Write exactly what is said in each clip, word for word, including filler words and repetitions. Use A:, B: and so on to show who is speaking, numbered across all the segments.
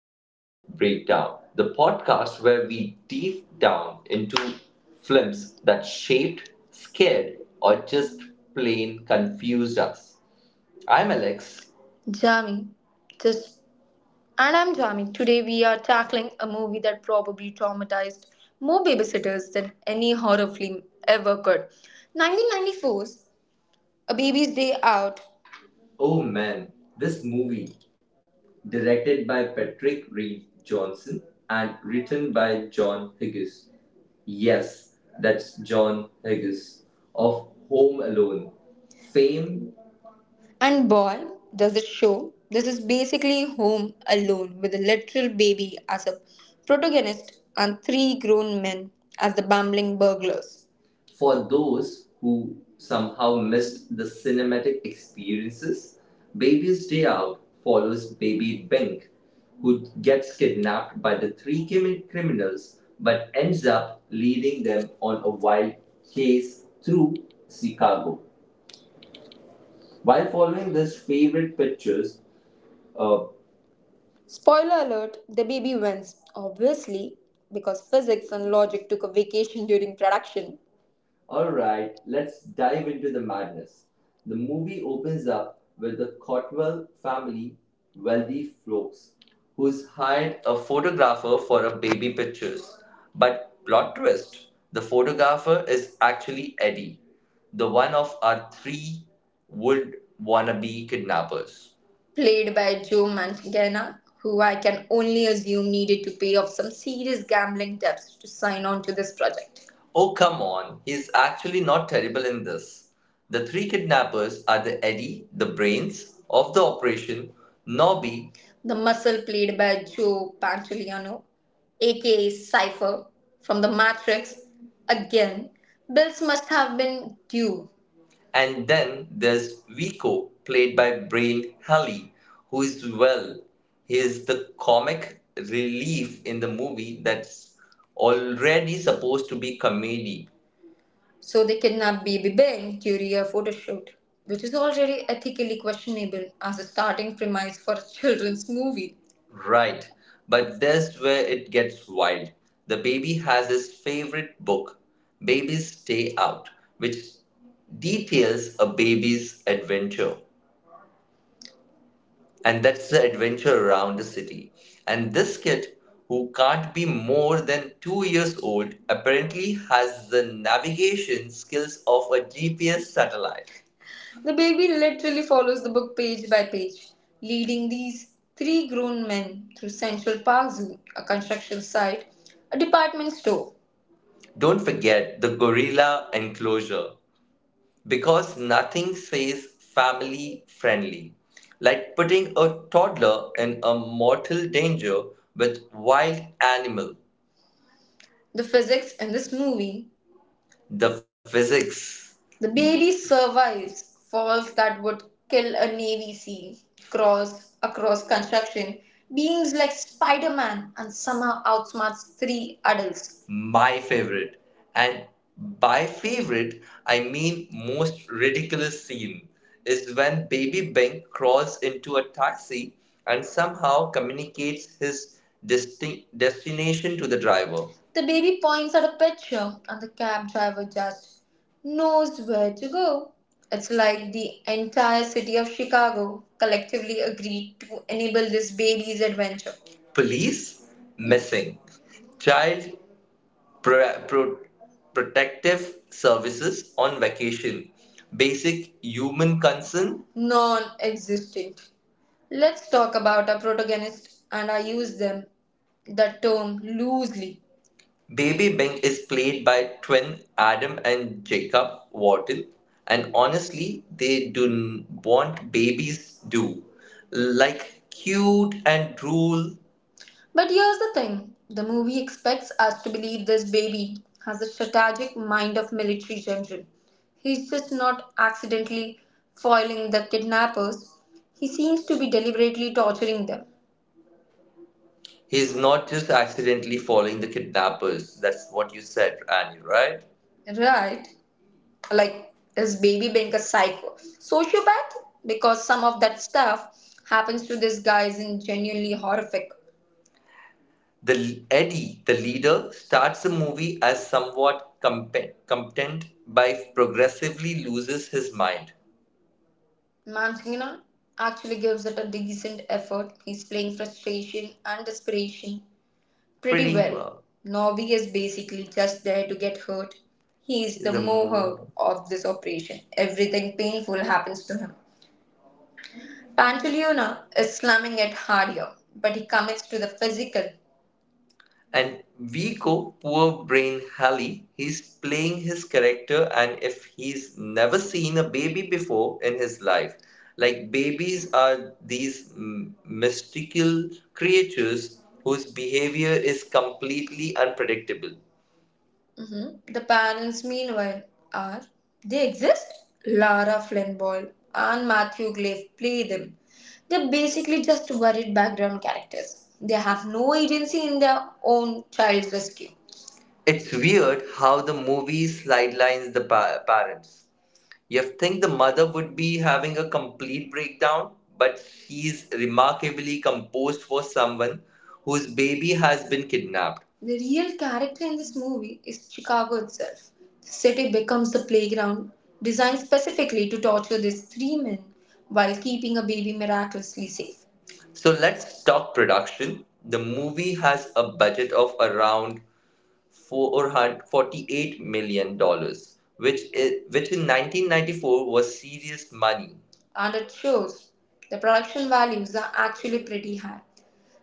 A: Talk Breakdown, the podcast where we deep down into films that shaped, scared, or just plain confused us. I'm Alex. Jami. Just and I'm Jami. Today we are tackling a movie that probably traumatized more babysitters than any horror film ever could. nineteen ninety-four's A Baby's Day Out. Oh man, this movie directed by Patrick Reed Johnson and written by John Hughes. Yes, that's John Hughes of Home Alone fame, and boy, does it show. This is basically Home Alone with a literal baby as a protagonist and three grown men as the bumbling burglars. For those who somehow missed the cinematic experiences, Baby's Day Out follows Baby Bink, who gets kidnapped by the three crimi- criminals but ends up leading them on a wild chase through Chicago. While following these favorite pictures, uh, spoiler alert, the baby wins, obviously, because physics and logic took a vacation during production. Alright, let's dive into the madness. The movie opens up with the Cotwell family, wealthy folks, who's hired a photographer for a baby pictures. But plot twist, the photographer is actually Eddie, the one of our three would wannabe kidnappers, played by Joe Mantegna, who I can only assume needed to pay off some serious gambling debts to sign on to this project. Oh, come on. He's actually not terrible in this. The three kidnappers are the Eddie, the brains of the operation, Nobby, the muscle, played by Joe Pantoliano, aka Cypher, from The Matrix. Again, bills must have been due. And then there's Vico, played by Brain Halley, who is, well, he is the comic relief in the movie that's already supposed to be comedy, so they kidnapped baby Ben during a photo shoot, which is already ethically questionable as a starting premise for a children's movie. Right, but that's where it gets wild. The baby has his favorite book, Babies Day Out, which details a baby's adventure and that's the adventure around the city. And this kid, who can't be more than two years old, apparently has the navigation skills of a G P S satellite. The baby literally follows the book page by page, leading these three grown men through Central Park Zoo, a construction site, a department store. Don't forget the gorilla enclosure, because nothing says family friendly like putting a toddler in a mortal danger with wild animal. The physics in this movie the physics. The baby survives falls that would kill a Navy SEAL, cross across construction beams like Spider Man, and somehow outsmarts three adults. My favorite. And by favorite, I mean most ridiculous scene is when baby Bing crawls into a taxi and somehow communicates his desti- destination to the driver. The baby points at a picture, and the cab driver just knows where to go. It's like the entire city of Chicago collectively agreed to enable this baby's adventure. Police? Missing. Child pro- pro- Protective Services on vacation. Basic human concern, non existent. Let's talk about our protagonists, and I use them that term loosely. Baby Bing is played by twin Adam and Jacob Wattle, and honestly, they do n- what babies do, like cute and drool. But here's the thing, the movie expects us to believe this baby has a strategic mind of military general. He's just not accidentally foiling the kidnappers, he seems to be deliberately torturing them. He's not just accidentally following the kidnappers. That's what you said, Annie, right? Right. Like, is baby being a psycho? Sociopath? Because some of that stuff happens to these guys in genuinely horrific. The Eddie, the leader, starts the movie as somewhat compe- competent, but progressively loses his mind. Mancina actually gives it a decent effort. He's playing frustration and desperation Pretty pretty well. well. Norby is basically just there to get hurt. He is the The mohawk of this operation. Everything painful happens to him. Pantaleona is slamming it harder, but he commits to the physical. And Vico, poor brain Halley, he's playing his character, and if he's never seen a baby before in his life, like babies are these m- mystical creatures whose behavior is completely unpredictable. Mhm. The panels, meanwhile, are they exist? Lara Flynn Boyle and Matthew Glaive play them. They're basically just worried background characters. They have no agency in their own child's rescue. It's weird how the movie sidelines the pa- parents. You think the mother would be having a complete breakdown, but she's remarkably composed for someone whose baby has been kidnapped. The real character in this movie is Chicago itself. The city becomes the playground designed specifically to torture these three men while keeping a baby miraculously safe. So let's talk production. The movie has a budget of around four hundred forty-eight million dollars, dollars, which, is which in nineteen ninety-four was serious money. And it shows the production values are actually pretty high.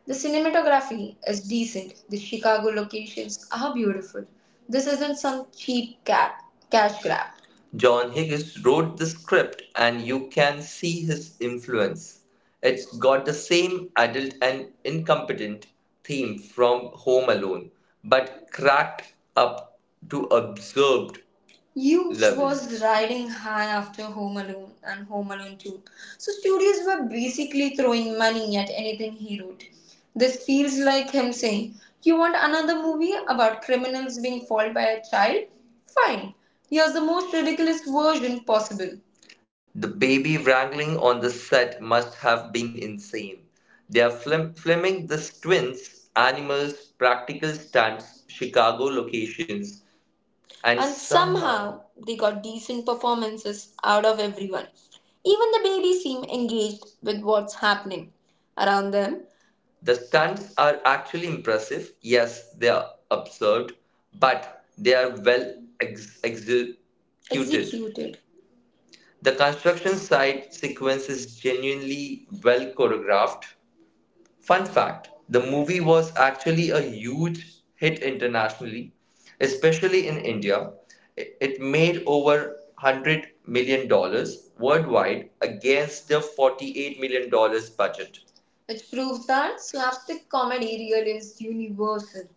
A: The cinematography is decent. The Chicago locations are beautiful. This isn't some cheap ca- cash grab. John Higgins wrote the script, and you can see his influence. It's got the same adult and incompetent theme from Home Alone, but cracked up to absurd. You Love is. Was is. Riding high after Home Alone and Home Alone two. So studios were basically throwing money at anything he wrote. This feels like him saying, "You want another movie about criminals being fooled by a child? Fine. Here's the most ridiculous version possible." The baby wrangling on the set must have been insane. They are flim- filming the twins, animals, practical stunts, Chicago locations. And And somehow, somehow they got decent performances out of everyone. Even the babies seem engaged with what's happening around them. The stunts are actually impressive. Yes, they are absurd, but they are well ex- executed. Executed. The construction site sequence is genuinely well choreographed. Fun fact, the movie was actually a huge hit internationally, especially in India. It made over $100 million dollars worldwide against the $48 million dollars budget, which proves that slapstick comedy really is universal.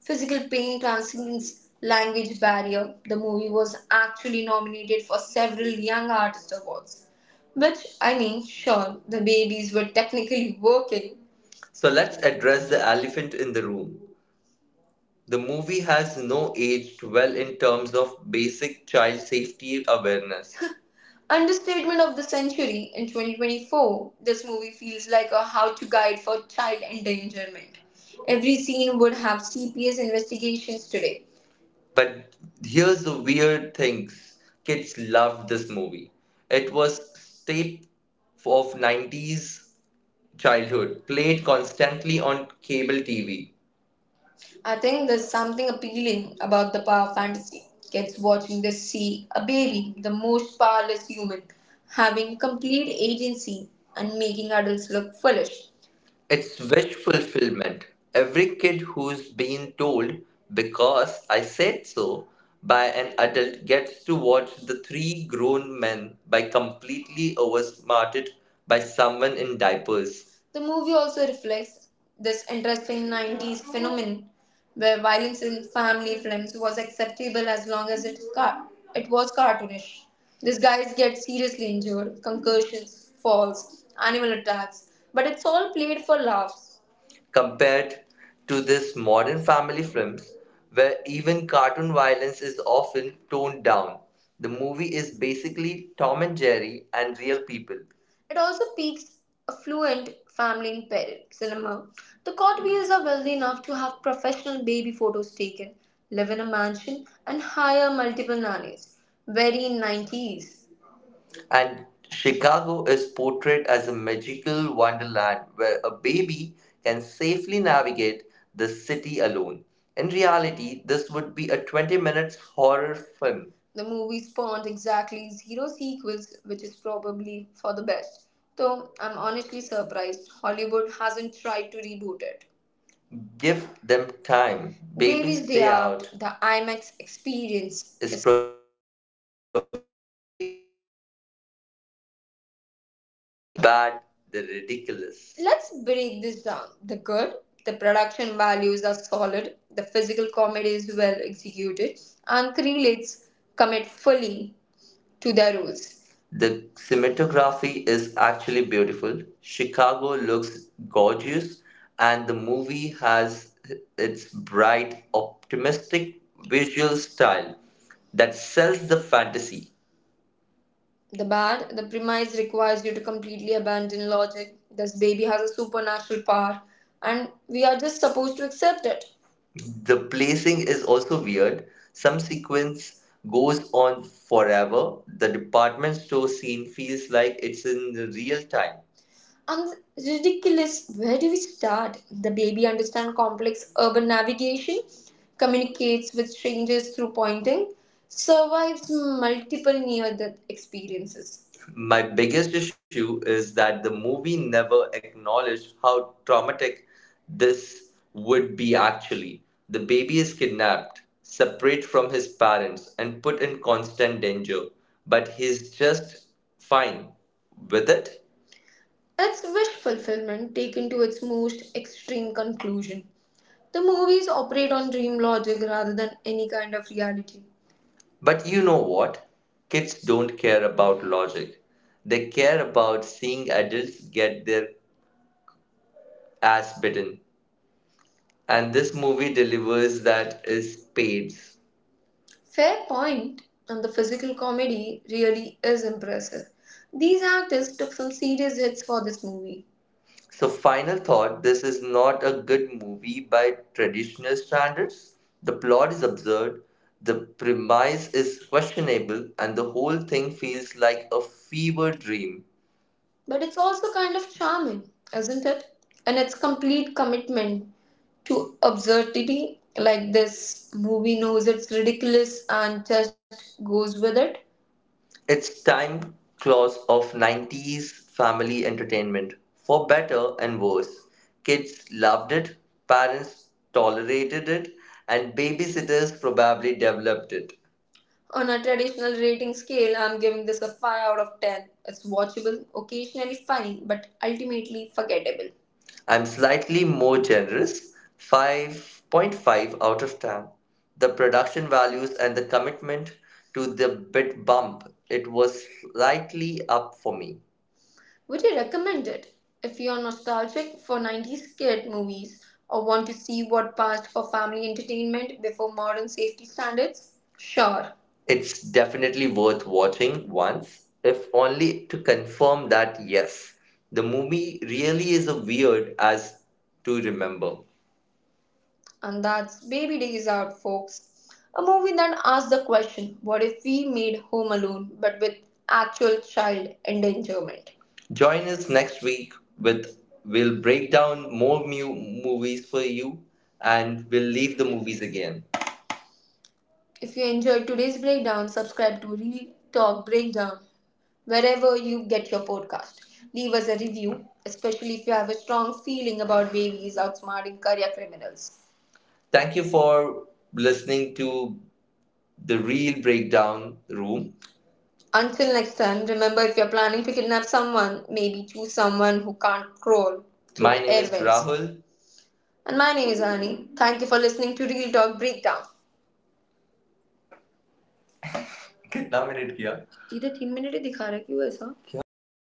A: Physical pain transcends language barrier. The movie was actually nominated for several Young Artist Awards. Which, I mean, sure, the babies were technically working, so let's address the elephant in the room. The movie has no aged well in terms of basic child safety awareness. Understatement of the century in twenty twenty-four, this movie feels like a how to guide for child endangerment. Every scene would have C P S investigations today. But here's the weird thing, kids loved this movie. It was staple of nineties childhood, played constantly on cable T V. I think there's something appealing about the power fantasy. Kids watching the sea, a baby, the most powerless human, having complete agency and making adults look foolish. It's wish fulfillment. Every kid who's been told, "because I said so," by an adult gets to watch the three grown men by completely oversmarted by someone in diapers. The movie also reflects this interesting nineties phenomenon where violence in family films was acceptable as long as it, car- it was cartoonish. These guys get seriously injured, concussions, falls, animal attacks, but it's all played for laughs, compared to this modern family films where even cartoon violence is often toned down. The movie is basically Tom and Jerry and real people. It also piques affluent family in Paris cinema. The Courtenays are wealthy enough to have professional baby photos taken, live in a mansion, and hire multiple nannies. Very nineties. And Chicago is portrayed as a magical wonderland where a baby can safely navigate the city alone. In reality, this would be a twenty minutes horror film. The movie spawned exactly zero sequels, which is probably for the best. Though I'm honestly surprised Hollywood hasn't tried to reboot it. Give them time. Babies Babies Day Day Out, Out the IMAX experience is is probably
B: But the ridiculous. Let's break this down. The good, the production values are solid, the physical comedy is well executed, and Krelitz commit fully to their roles. The cinematography is actually beautiful. Chicago looks gorgeous, and the movie has its bright, optimistic visual style that sells the fantasy. The bad, the premise requires you to completely abandon logic. This baby has a supernatural power, and we are just supposed to accept it. The placing is also weird. Some sequence goes on forever. The department store scene feels like it's in real time. And ridiculous, where do we start? The baby understands complex urban navigation, communicates with strangers through pointing, survives multiple near death experiences. My biggest issue is that the movie never acknowledged how traumatic this would be actually. The baby is kidnapped, separate from his parents, and put in constant danger, but he's just fine with it. It's wish fulfillment taken to its most extreme conclusion. The movies operate on dream logic rather than any kind of reality. But you know what? Kids don't care about logic. They care about seeing adults get their ass bitten. And this movie delivers that is spades. Fair point, and the physical comedy really is impressive. These actors took some serious hits for this movie. So, final thought, this is not a good movie by traditional standards. The plot is absurd, the premise is questionable, and the whole thing feels like a fever dream. But it's also kind of charming, isn't it? And its complete commitment to absurdity, like this movie knows it's ridiculous and just goes with it. It's time clause of nineties family entertainment. For better and worse, kids loved it, parents tolerated it, and babysitters probably developed it. On a traditional rating scale, I'm giving this a five out of ten. It's watchable, occasionally funny, but ultimately forgettable. I'm slightly more generous, five point five out of ten. The production values and the commitment to the bit bump, it was slightly up for me. Would you recommend it if you're nostalgic for nineties kid movies or want to see what passed for family entertainment before modern safety standards? Sure. It's definitely worth watching once, if only to confirm that yes, the movie really is as weird as to remember. And that's Baby Days Out, folks. A movie that asks the question, what if we made Home Alone but with actual child endangerment? Join us next week with we'll break down more mu- movies for you and we'll leave the movies again. If you enjoyed today's breakdown, subscribe to Real Talk Breakdown wherever you get your podcast. Leave us a review, especially if you have a strong feeling about babies outsmarting career criminals. Thank you for listening to the real breakdown room. Until next time, remember, if you're planning to kidnap someone, maybe choose someone who can't crawl through My name airwaves. Is Rahul. And my name is Ani. Thank you for listening to Real Talk Breakdown. कितना minute किया इधर तीन minute ही दिखा रहा है क्यों ऐसा क्या